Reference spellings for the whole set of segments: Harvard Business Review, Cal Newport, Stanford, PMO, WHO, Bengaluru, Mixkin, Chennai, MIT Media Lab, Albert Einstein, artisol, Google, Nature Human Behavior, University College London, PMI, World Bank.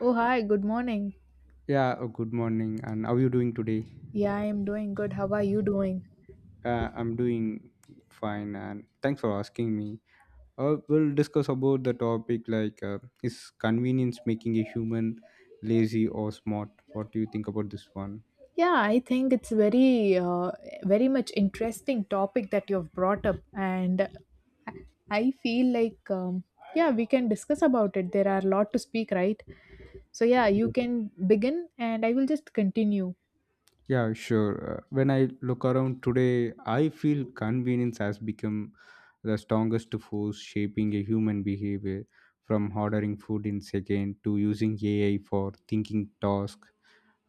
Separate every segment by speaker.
Speaker 1: Oh, hi, good morning.
Speaker 2: Yeah, good morning. And how are you doing today?
Speaker 1: Yeah, I am doing good. How are you doing?
Speaker 2: I'm doing fine, and thanks for asking me. We'll discuss about the topic is convenience making a human lazy or smart? What do you think about this one?
Speaker 1: Yeah, I think it's very very much interesting topic that you've brought up, and I feel like yeah, we can discuss about it. There are a lot to speak, right? So yeah, you
Speaker 2: Yes.
Speaker 1: can begin and I will just continue.
Speaker 2: Yeah, sure. When I look around today, I feel convenience has become the strongest force shaping a human behavior, from ordering food in second to using AI for thinking task.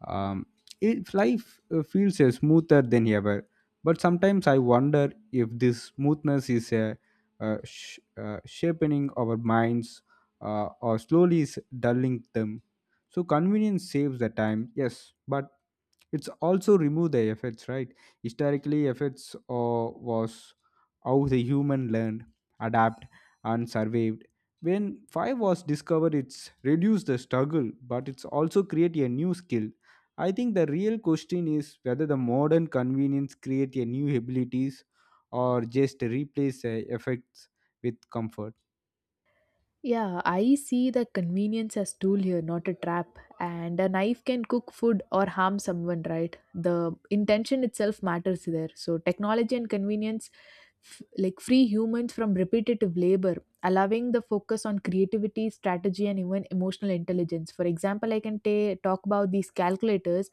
Speaker 2: Um, if life feels smoother than ever, but sometimes I wonder if this smoothness is sharpening our minds or slowly dulling them. So convenience saves the time, yes, but it's also remove the effects, right? Historically, effects was how the human learned, adapt, and survived. When five was discovered, it's reduced the struggle, but it's also create a new skill. I think the real question is whether the modern convenience create a new abilities or just replace effects with comfort.
Speaker 1: Yeah, I see the convenience as tool here, not a trap. And a knife can cook food or harm someone, right? The intention itself matters there. So technology and convenience like free humans from repetitive labor, allowing the focus on creativity, strategy, and even emotional intelligence. For example, I can ta talk about these calculators.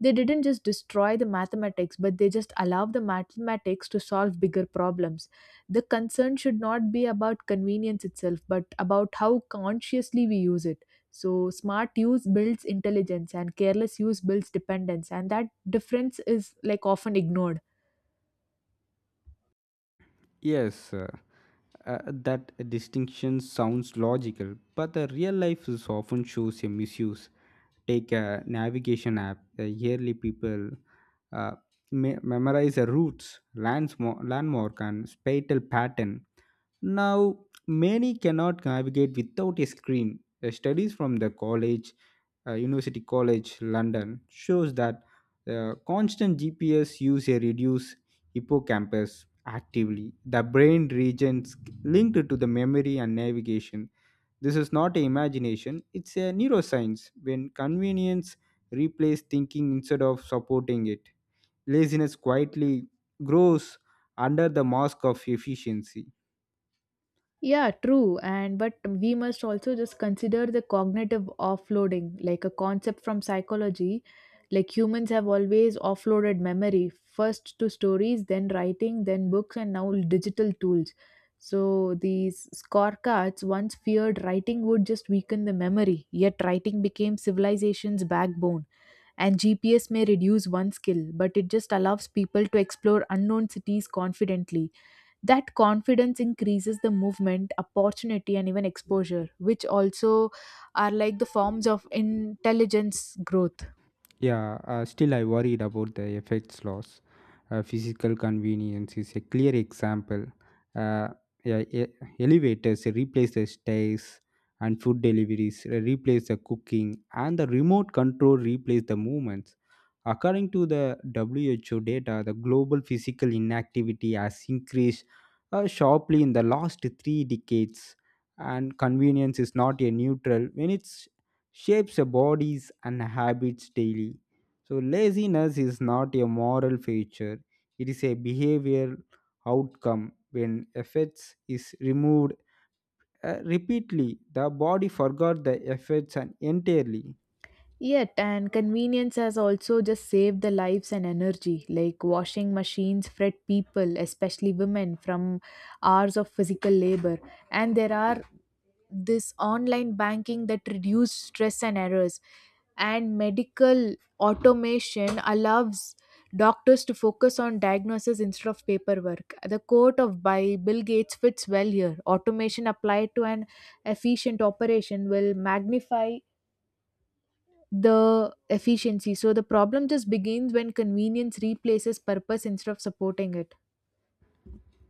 Speaker 1: They didn't just destroy the mathematics, but they just allow the mathematics to solve bigger problems. The concern should not be about convenience itself, but about how consciously we use it. So, smart use builds intelligence, and careless use builds dependence, and that difference is like often ignored.
Speaker 2: yes uh, uh, that distinction sounds logical, but the real life is often shows a misuse. Take a navigation app. Yearly people uh, memorize the routes, landmark, and spatial pattern. Now many cannot navigate without a screen. The studies from the college, university college london, shows that the constant GPS use a reduce hippocampus actively, the brain regions linked to the memory and navigation. This is not a imagination, it's a neuroscience when convenience replaces thinking instead of supporting it. Laziness quietly grows under the mask of efficiency.
Speaker 1: Yeah, true. And but we must also just consider the cognitive offloading, like a concept from psychology. Like humans have always offloaded memory first to stories, then writing, then books, and now digital tools. So these scorecards once feared writing would just weaken the memory, yet writing became civilization's backbone. And GPS may reduce one skill, but it just allows people to explore unknown cities confidently. That confidence increases the movement opportunity and even exposure, which also are like the forms of intelligence growth.
Speaker 2: Yeah, still I worried about the effects loss. Physical convenience is a clear example. Uh, yeah, e- Elevators replace the stairs, and food deliveries replace the cooking, and the remote control replace the movements. According to the WHO data, the global physical inactivity has increased sharply in the last 3 decades, and convenience is not a neutral when it's shapes our bodies and habits daily. So, laziness is not a moral feature, it is a behavioral outcome. When effects is removed repeatedly, the body forgot the effects and entirely.
Speaker 1: Yet, and convenience has also just saved the lives and energy. Like washing machines fret people, especially women, from hours of physical labor. And there are this online banking that reduce stress and errors. And medical automation allows doctors to focus on diagnosis instead of paperwork. The quote of by Bill Gates fits well here. Automation applied to an efficient operation will magnify the efficiency. So the problem just begins when convenience replaces purpose instead of supporting it.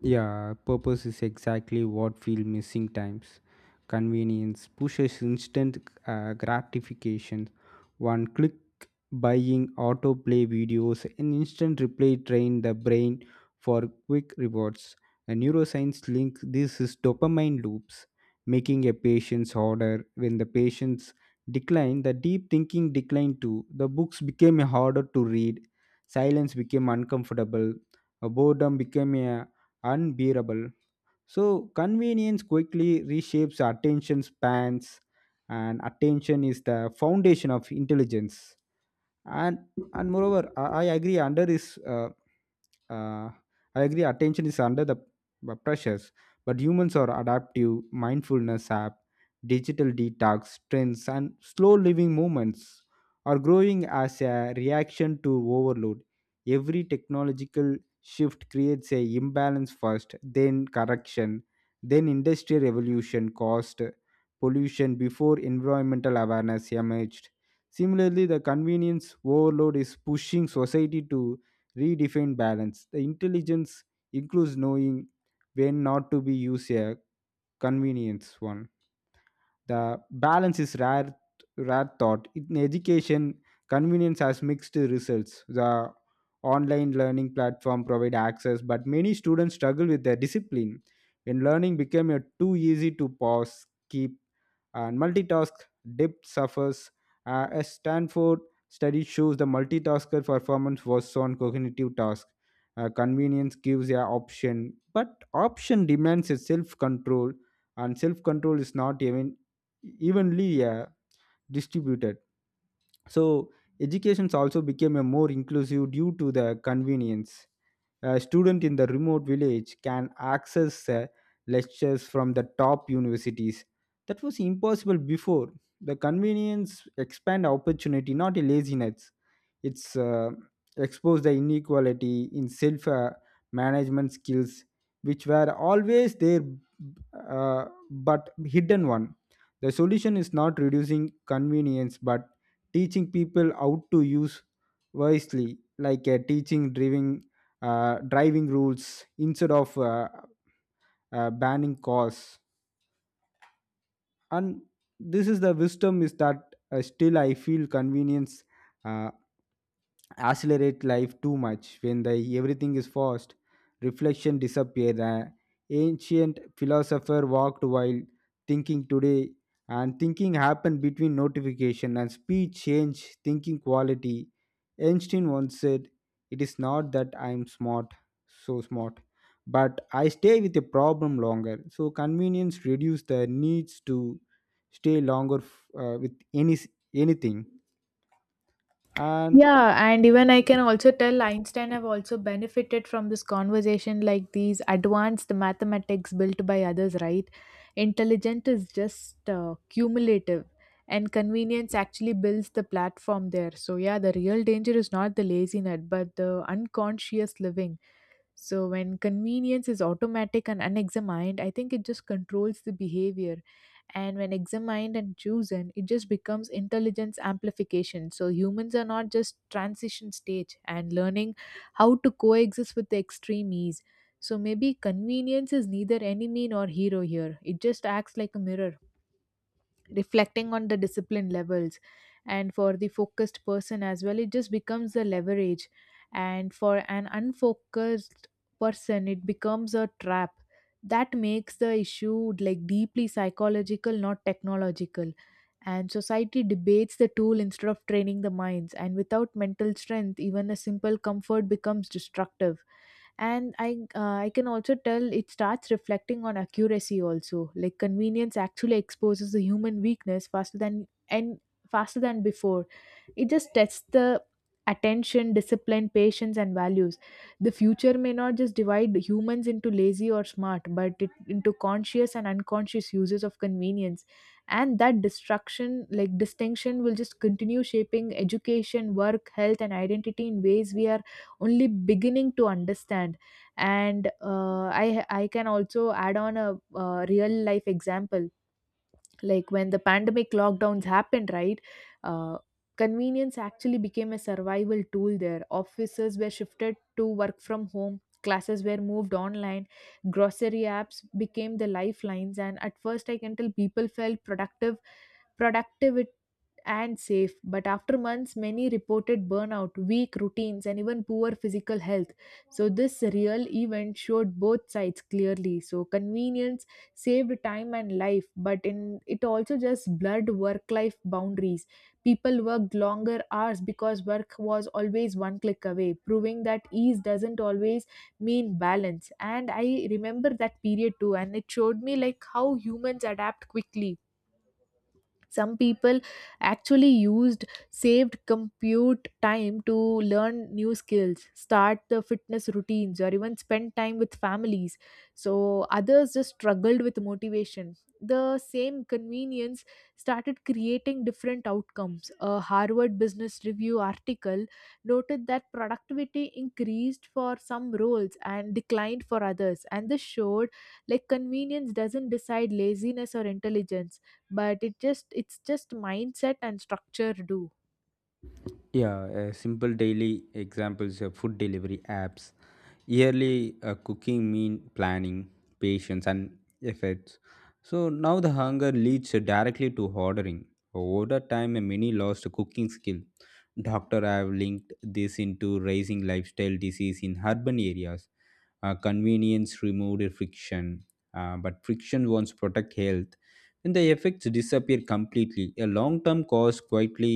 Speaker 2: Yeah, purpose is exactly what feel missing times. Convenience pushes instant gratification. One click buying, autoplay videos, and instant replay train the brain for quick rewards. And neuroscience links this is dopamine loops, making a patient's harder. When the patients decline, the deep thinking declined too. The books became harder to read. Silence became uncomfortable. A boredom became unbearable. So convenience quickly reshapes attention spans, and attention is the foundation of intelligence. and and moreover I agree under is uh, I agree. Attention is under the pressures, but humans are adaptive. Mindfulness app, digital detox trends, and slow living movements are growing as a reaction to overload. Every technological shift creates a imbalance first, then correction, then industrial revolution caused pollution before environmental awareness emerged. Similarly, the convenience overload is pushing society to redefine balance. The intelligence includes knowing when not to be used a convenience one. The balance is rare thought. In education, convenience has mixed results. The online learning platform provide access, but many students struggle with their discipline. When learning became a too easy to pause, keep, and multitask, depth suffers. A Stanford study shows the multitasker performance was on cognitive task. Convenience gives a option, but option demands a self control, and self control is not even evenly distributed. So educations also became a more inclusive due to the convenience. A student in the remote village can access lectures from the top universities. That was impossible before. The convenience expand opportunity, not a laziness. It's exposed the inequality in self management skills, which were always there, uh, but hidden one. The solution is not reducing convenience, but teaching people how to use wisely, teaching driving driving rules instead of banning cars. And this is the wisdom is that, still I feel convenience uh, accelerate life too much. When the everything is fast, reflection disappear. The ancient philosopher walked while thinking. Today, and thinking happened between notification and speed, change thinking quality. Einstein once said, it is not that I am smart, but I stay with a problem longer. So convenience reduces the needs to stay longer with any anything. And
Speaker 1: Yeah, and even I can also tell Einstein have also benefited from this conversation like these advanced mathematics built by others, right? Intelligent is just cumulative, and convenience actually builds the platform there. So yeah, the real danger is not the laziness but the unconscious living. So when convenience is automatic and unexamined, I think it just controls the behavior. And when examined and chosen, it just becomes intelligence amplification. So humans are not just transition stage and learning how to coexist with the extreme ease. So maybe convenience is neither enemy nor hero here. It just acts like a mirror reflecting on the discipline levels, and for the focused person as well it just becomes a leverage, and for an unfocused person it becomes a trap that makes the issue like deeply psychological, not technological. And society debates the tool instead of training the minds, and without mental strength even a simple comfort becomes destructive. And I can also tell it starts reflecting on accuracy also, like convenience actually exposes the human weakness faster than, and faster than before. It just tests the attention, discipline, patience, and values. The future may not just divide humans into lazy or smart, but it, into conscious and unconscious uses of convenience. And that destruction like distinction will just continue shaping education, work, health, and identity in ways we are only beginning to understand. And I can also add on a real life example, like when the pandemic lockdowns happened, right? uh, Convenience actually became a survival tool there. Offices were shifted to work from home, classes were moved online, grocery apps became the lifelines, and at first I can tell people felt productive, productive and safe. But after months, many reported burnout, weak routines, and even poor physical health. So, this real event showed both sides clearly. So, convenience saved time and life, but in it also just blurred work life boundaries. People worked longer hours because work was always one click away, proving that ease doesn't always mean balance. And I remember that period too, and it showed me like how humans adapt quickly. Some people actually used saved compute time to learn new skills, start the fitness routines, or even spend time with families. So others just struggled with motivation. The same convenience started creating different outcomes. A Harvard Business Review article noted that productivity increased for some roles and declined for others, and this showed like convenience doesn't decide laziness or intelligence, but it just it's just mindset and structure do.
Speaker 2: Yeah, simple daily examples of food delivery apps. Yearly cooking mean planning, patience, and efforts. So now the hunger leads directly to ordering. Over time, a many lost cooking skill. Doctor have linked this into rising lifestyle disease in urban areas. Convenience removed friction, but friction wants protect health. When the effects disappear completely, a long-term cost quietly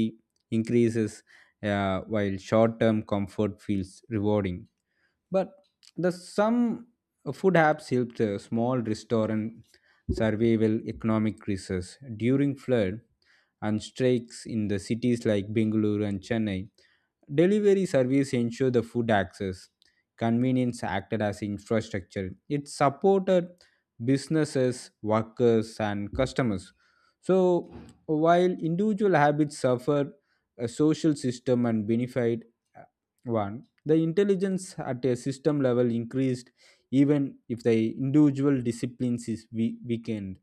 Speaker 2: increases, while short-term comfort feels rewarding. But the some food apps helped small restaurant survival economic crisis during flood and strikes in the cities like Bengaluru and Chennai. Delivery service ensure the food access. Convenience acted as infrastructure. It supported businesses, workers, and customers. So while individual habits suffered, a social system and benefit uh, one the intelligence at a system level increased, even if the individual disciplines is weakened.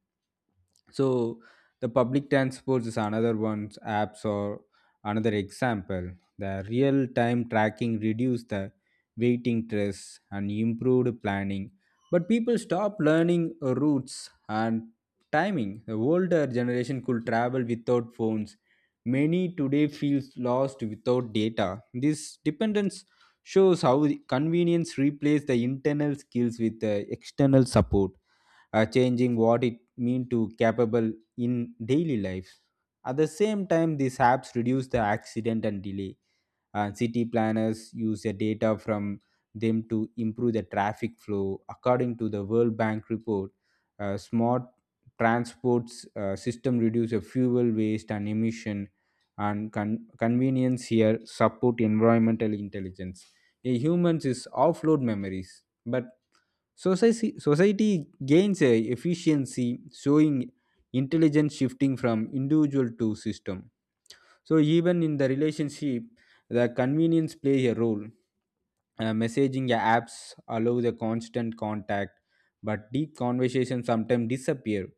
Speaker 2: So the public transports is another one's apps, or another example, the real time tracking reduced the waiting stress and improved planning, but people stop learning routes and timing. The older generation could travel without phones. Many today feels lost without data. This dependence shows how the convenience replaces the internal skills with the external support, changing what it mean to capable in daily life. At the same time, these apps reduce the accident and delay. City planners use the data from them to improve the traffic flow. According to the World Bank report, smart transports system reduce the fuel waste and emission, and convenience here support environmental intelligence. A humans is offload memories, but society, society gains a efficiency, showing intelligence shifting from individual to system. So even in the relationship, the convenience plays a role. Messaging apps allow the constant contact, but deep conversations sometimes disappear.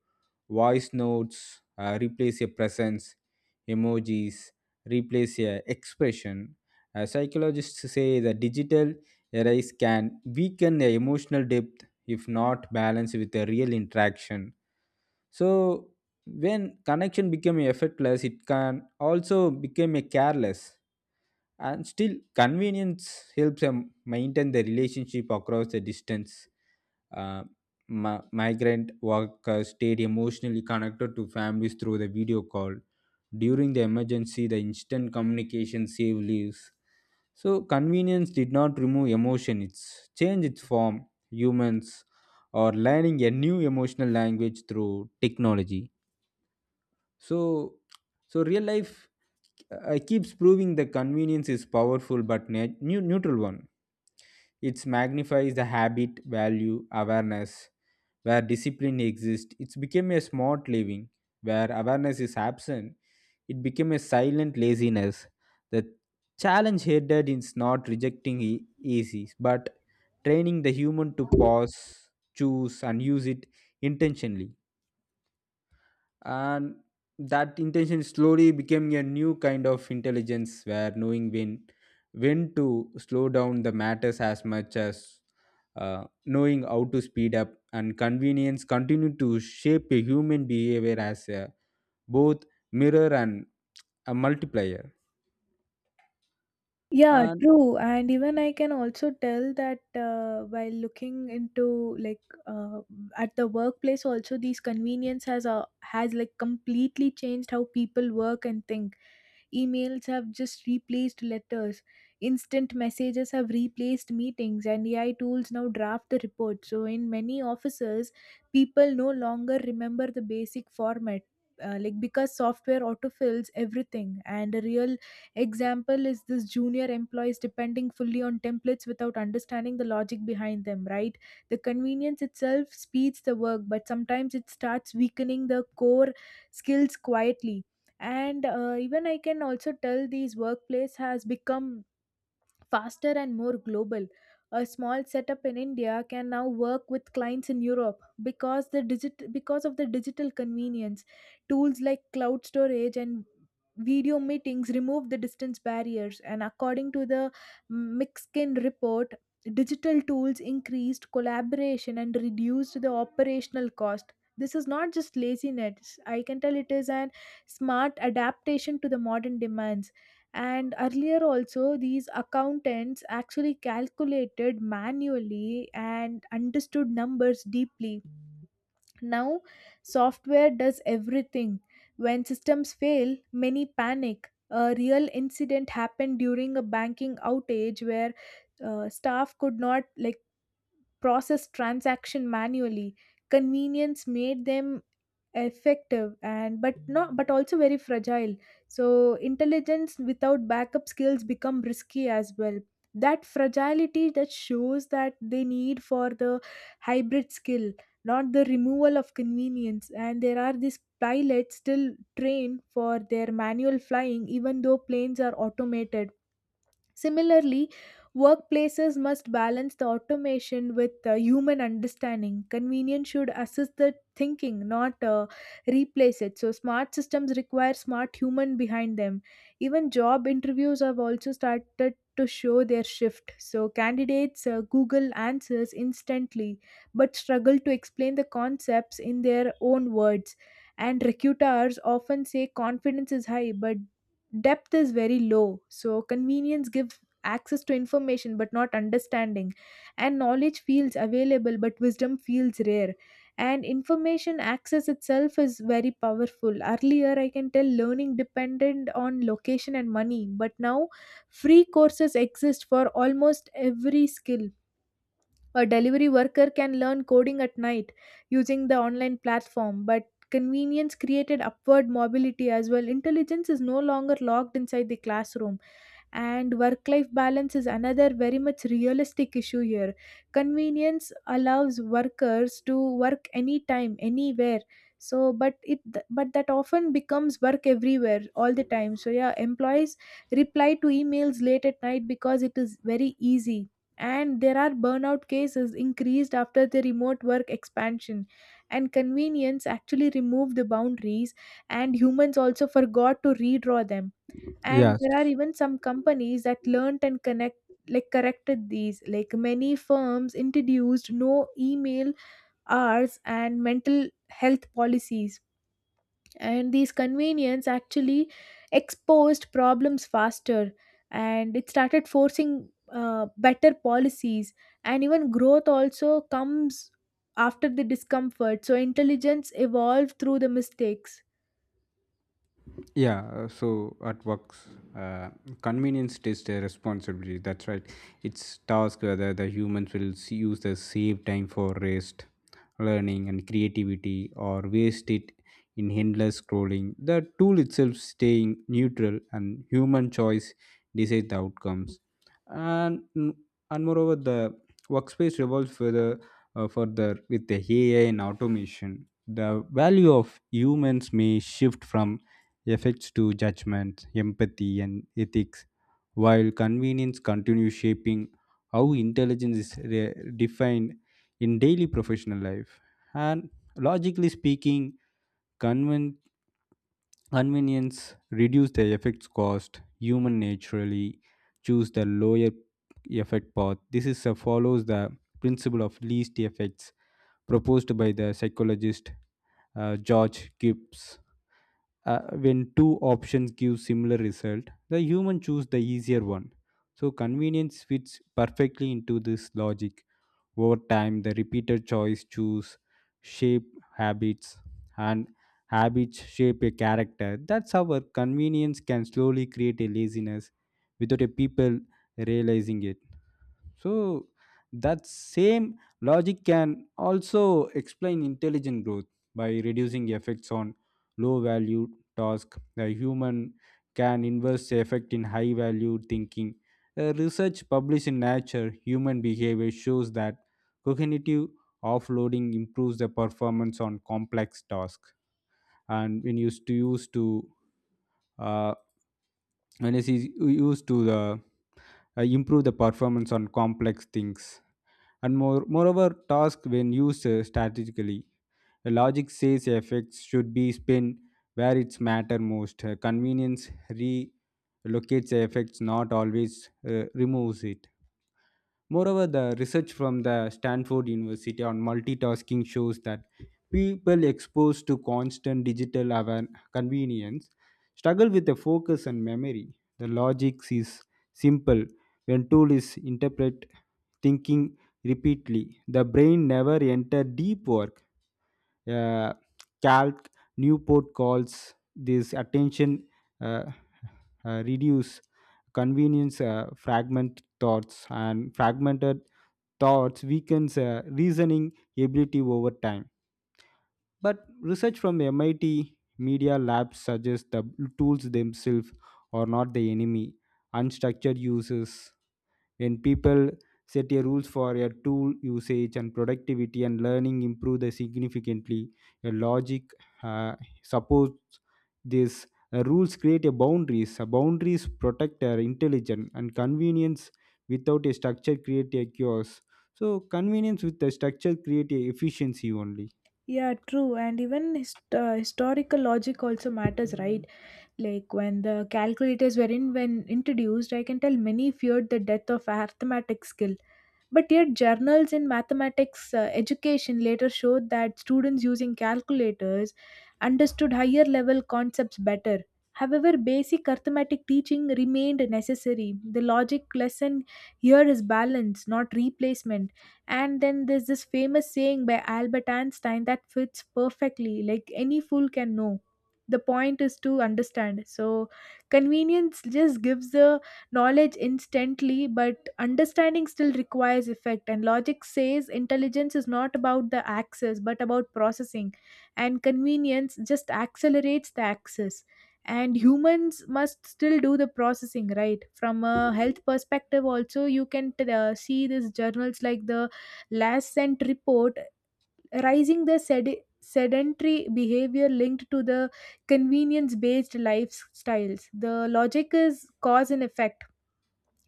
Speaker 2: Voice notes replace a presence, emojis replace a expression. Psychologists say the digital erase can weaken the emotional depth if not balanced with a real interaction. So when connection become effortless, it can also become a careless. And still convenience helps them maintain the relationship across the distance. uh, Migrant workers stayed emotionally connected to families through the video call. During the emergency, the instant communication saved lives. So, convenience did not remove emotion, it's changed its form. Humans are learning a new emotional language through technology. So, so real life keeps proving the convenience is powerful but neutral one. It magnifies the habit, value, awareness. Where discipline exists, it's become a smart living. Where awareness is absent, it became a silent laziness. The challenge headed is not rejecting easy, but training the human to pause, choose, and use it intentionally. And that intention slowly became a new kind of intelligence, where knowing when to slow down the matters as much as knowing how to speed up. And convenience continue to shape a human behavior as a, both mirror and a multiplier.
Speaker 1: Yeah,
Speaker 2: And
Speaker 1: true. And even I can also tell that while looking into like at the workplace, also these convenience has has like completely changed how people work and think. Emails have just replaced letters. Instant messages have replaced meetings, and AI tools now draft the report. So, in many offices, people no longer remember the basic format. Like because software autofills everything, and a real example is this junior employees depending fully on templates without understanding the logic behind them, right? The convenience itself speeds the work, but sometimes it starts weakening the core skills quietly. And even I can also tell these workplace has become faster and more global. A small setup in India can now work with clients in Europe because the digit because of the digital convenience. Tools like cloud storage and video meetings remove the distance barriers, and according to the Mixkin report, digital tools increased collaboration and reduced the operational cost. This is not just laziness. I can tell it is an smart adaptation to the modern demands. And earlier also these accountants actually calculated manually and understood numbers deeply. Now software does everything. When systems fail many panic. A real incident happened during a banking outage where staff could not like process transaction manually. Convenience made them effective, and but not but also very fragile. So intelligence without backup skills become risky as well. That fragility that shows that they need for the hybrid skill, not the removal of convenience. And there are these pilots still trained for their manual flying even though planes are automated. Similarly, workplaces must balance the automation with human understanding. Convenience should assist the thinking, not replace it. So, smart systems require smart human behind them. Even job interviews have also started to show their shift. So, candidates Google answers instantly but struggle to explain the concepts in their own words. And recruiters often say confidence is high, but depth is very low. So convenience gives access to information but not understanding, and knowledge feels available but wisdom feels rare. And information access itself is very powerful. Earlier I can tell learning depended on location and money, but now free courses exist for almost every skill. A delivery worker can learn coding at night using the online platform, but convenience created upward mobility as well. Intelligence is no longer locked inside the classroom, and work life balance is another very much realistic issue here. Convenience allows workers to work anytime, anywhere. So, but it but that often becomes work everywhere all the time. So, yeah, employees reply to emails late at night because it is very easy. And there are burnout cases increased after the remote work expansion, and convenience actually removed the boundaries, and humans also forgot to redraw them. And
Speaker 2: Yeah,
Speaker 1: there are even some companies that learned and connect like corrected these, like many firms introduced no email hours and mental health policies. And these convenience actually exposed problems faster, and it started forcing better policies. And even growth also comes after the discomfort, so intelligence evolved through the mistakes.
Speaker 2: Yeah, so at works, uh, convenience is their responsibility. That's right. It's task whether the humans will use the save time for rest, learning, and creativity, or waste it in endless scrolling. The tool itself staying neutral, and human choice decides the outcomes. And moreover, the workspace revolves further with the AI and automation. The value of humans may shift from effects to judgment, empathy, and ethics, while convenience continues shaping how intelligence is defined in daily professional life. And logically speaking, conven- convenience reduce the effects cost. Human naturally choose the lower effect path. This is follows the principle of least effects proposed by the psychologist George Gibbs. When two options give similar result, the human choose the easier one. So convenience fits perfectly into this logic. Over time, the repeated choice choose, shape habits, and habits shape a character. That's how our convenience can slowly create a laziness without a people realizing it. So that same logic can also explain intelligent growth by reducing effects on low value task. The human can invest the effect in high value thinking. Research published in Nature Human Behavior shows that cognitive offloading improves the performance on complex tasks. And when used to use to uh, when it is used to the improve the performance on complex things and moreover, task when used strategically. A logic says effects should be spent where it's matter most. Convenience relocates effects, not always removes it. Moreover, the research from the Stanford University on multitasking shows that people exposed to constant convenience struggle with the focus and memory. The logic is simple. When tool is interpret thinking repeatedly, the brain never enter deep work. Uh, Calc Newport calls this attention uh, reduce. Convenience fragment thoughts, and fragmented thoughts weakens reasoning ability over time. But research from the MIT Media Lab suggests the tools themselves are not the enemy. Unstructured uses, when people set a rules for a tool usage, and productivity and learning improve the significantly, a logic uh, supports this. Rules create a boundaries. A boundaries protect our intelligence, and convenience without a structure create a chaos. So convenience with the structure create a efficiency only.
Speaker 1: Yeah, true. And even historical logic also matters, right? Like when the calculators were in when introduced I can tell many feared the death of arithmetic skill. But yet, journals in mathematics education later showed that students using calculators understood higher level concepts better. However, basic arithmetic teaching remained necessary. The logic lesson here is balance, not replacement. And then there's this famous saying by Albert Einstein that fits perfectly like any fool can know. The point is to understand. So, convenience just gives the knowledge instantly, but understanding still requires effect, and logic says intelligence is not about the access but about processing, and convenience just accelerates the access. And humans must still do the processing, right? From a health perspective, also, you can see these journals like the Last Cent report rising the sedentary behavior linked to the convenience based lifestyles. The logic is cause and effect.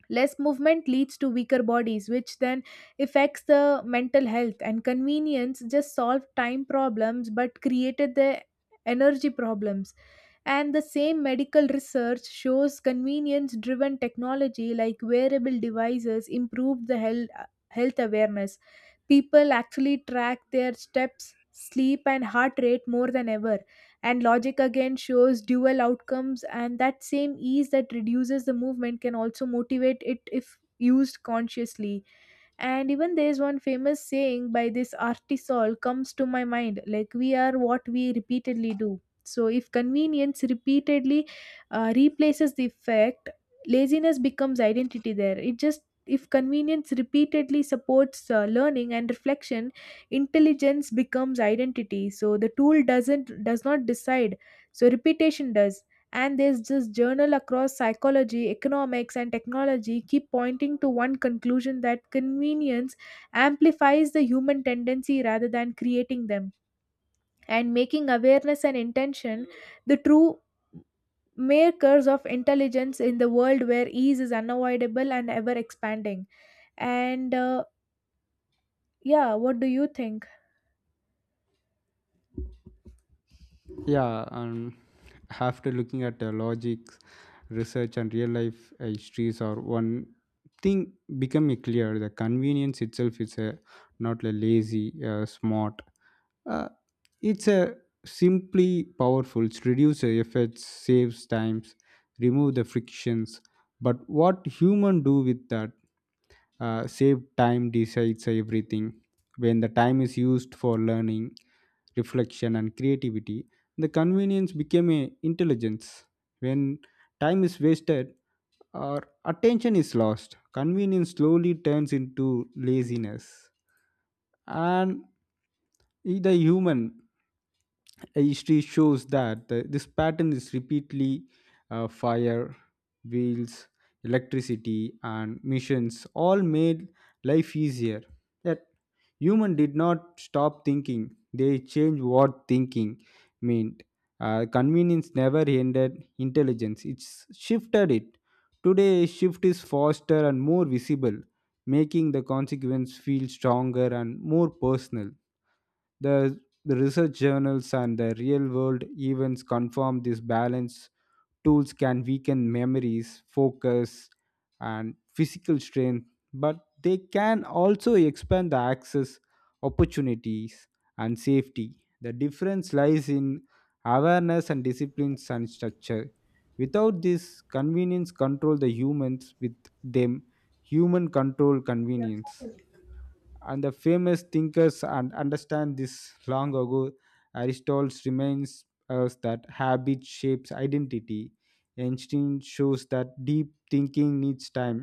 Speaker 1: Less movement leads to weaker bodies, which then affects the mental health. And convenience just solved time problems but created the energy problems. And the same medical research shows convenience driven technology like wearable devices improve the health awareness. People actually track their steps, sleep, and heart rate more than ever. And logic again shows dual outcomes, and that same ease that reduces the movement can also motivate it if used consciously. And even there's one famous saying by this Artisol comes to my mind like, we are what we repeatedly do. So if convenience repeatedly replaces the fact, laziness becomes identity there. It just if convenience repeatedly supports learning and reflection, intelligence becomes identity. So the tool does not decide, so repetition does. And there's just journal across psychology, economics and technology keep pointing to one conclusion, that convenience amplifies the human tendency rather than creating them, and making awareness and intention the true makers of intelligence in the world where ease is unavoidable and ever expanding. And Yeah, what do you think?
Speaker 2: Yeah, and after looking at the logics, research, and real life histories, or one thing becoming clear, the convenience itself is a, not a lazy smart, uh, it's a simply powerful. It reduces effects, saves times, remove the frictions. But what human do with that? Save time decides everything. When the time is used for learning, reflection, and creativity, the convenience became a intelligence. When time is wasted, our attention is lost. Convenience slowly turns into laziness. And the human history shows that this pattern is repeatedly fire, wheels, electricity, and missions all made life easier. Yet human did not stop thinking, they changed what thinking meant. Convenience never ended intelligence, it's shifted it. Today shift is faster and more visible, making the consequence feel stronger and more personal. The, the research journals and the real world events confirm this balance. Tools can weaken memories, focus, and physical strength, but they can also expand the access, opportunities, and safety. The difference lies in awareness, and disciplines, and structure. Without this, convenience control the humans. With them, human control convenience. And the famous thinkers and understand this long ago. Aristotle reminds us that habit shapes identity. Einstein shows that deep thinking needs time,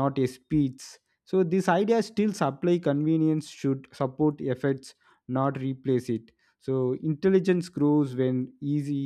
Speaker 2: not a speech. So this idea still supply, convenience should support efforts, not replace it. So intelligence grows when easy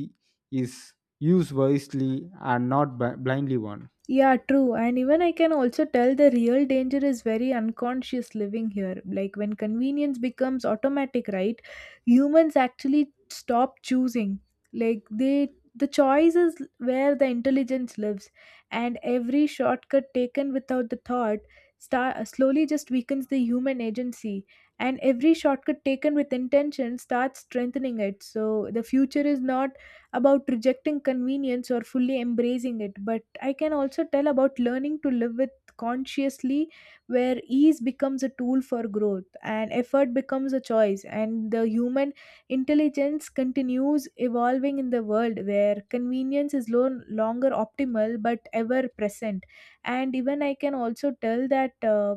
Speaker 2: is used wisely, and not blindly one.
Speaker 1: Yeah, true. And even I can also tell the real danger is very unconscious living here. Like when convenience becomes automatic, right? Humans actually stop choosing. Like the choice is where the intelligence lives, and every shortcut taken without the thought start slowly just weakens the human agency, and every shortcut taken with intention starts strengthening it. So the future is not about rejecting convenience or fully embracing it, but I can also tell about learning to live with consciously, where ease becomes a tool for growth and effort becomes a choice and the human intelligence continues evolving in the world where convenience is no longer optimal but ever present. And even I can also tell that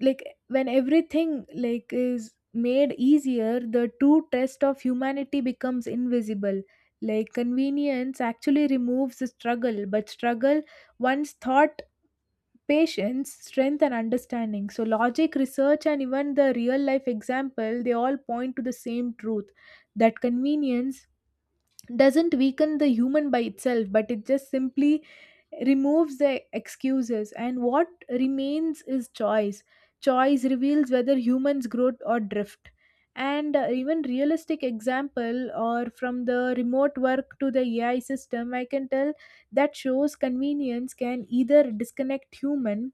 Speaker 1: like when everything like is made easier, the true test of humanity becomes invisible. Like convenience actually removes the struggle, but struggle once thought patience, strength and understanding. So logic, research and even the real life example, they all point to the same truth, that convenience doesn't weaken the human by itself, but it just simply removes the excuses. And what remains is choice. Choice reveals whether humans grow or drift. And even realistic example or from the remote work to the AI system, I can tell that shows convenience can either disconnect human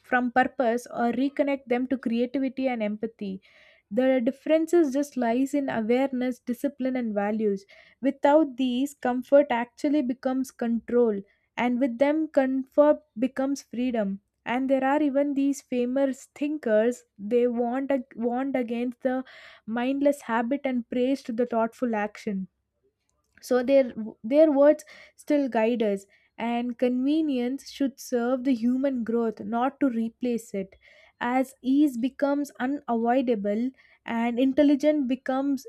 Speaker 1: from purpose or reconnect them to creativity and empathy. The differences just lies in awareness, discipline and values. Without these, comfort actually becomes control, and with them comfort becomes freedom. And there are even these famous thinkers, they warned, warned against the mindless habit and praised the thoughtful action. So their words still guide us, and convenience should serve the human growth not to replace it. As ease becomes unavoidable and intelligence becomes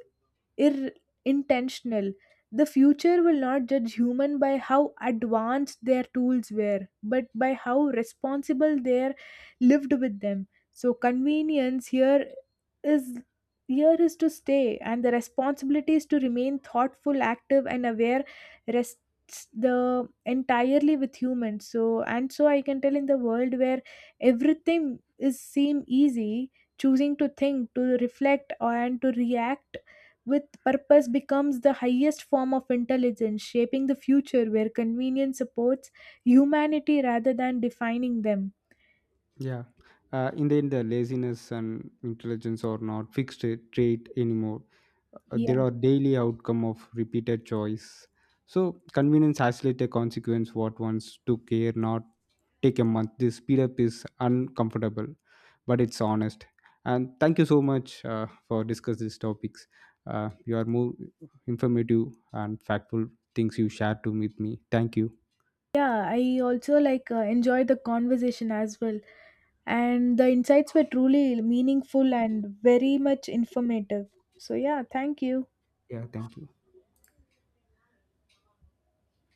Speaker 1: ir- intentional. The future will not judge human by how advanced their tools were, but by how responsible they lived with them. So convenience is here is to stay, and the responsibility is to remain thoughtful, active, and aware. Rests the entirely with humans. So and so I can tell in the world where everything is seem easy, choosing to think, to reflect, and to react with purpose becomes the highest form of intelligence, shaping the future where convenience supports humanity rather than defining them.
Speaker 2: Yeah. In the end, the laziness and intelligence are not fixed trait anymore. There
Speaker 1: Yeah.
Speaker 2: are daily outcome of repeated choice. So convenience isolate a consequence what once took care, not take a month. This speed up is uncomfortable, but it's honest. And thank you so much for discuss these topics. You are more informative and factful things you shared to with me. Thank you.
Speaker 1: Yeah, I also like enjoy the conversation as well. And the insights were truly meaningful and very much informative. So, yeah, thank you.
Speaker 2: Yeah, thank you.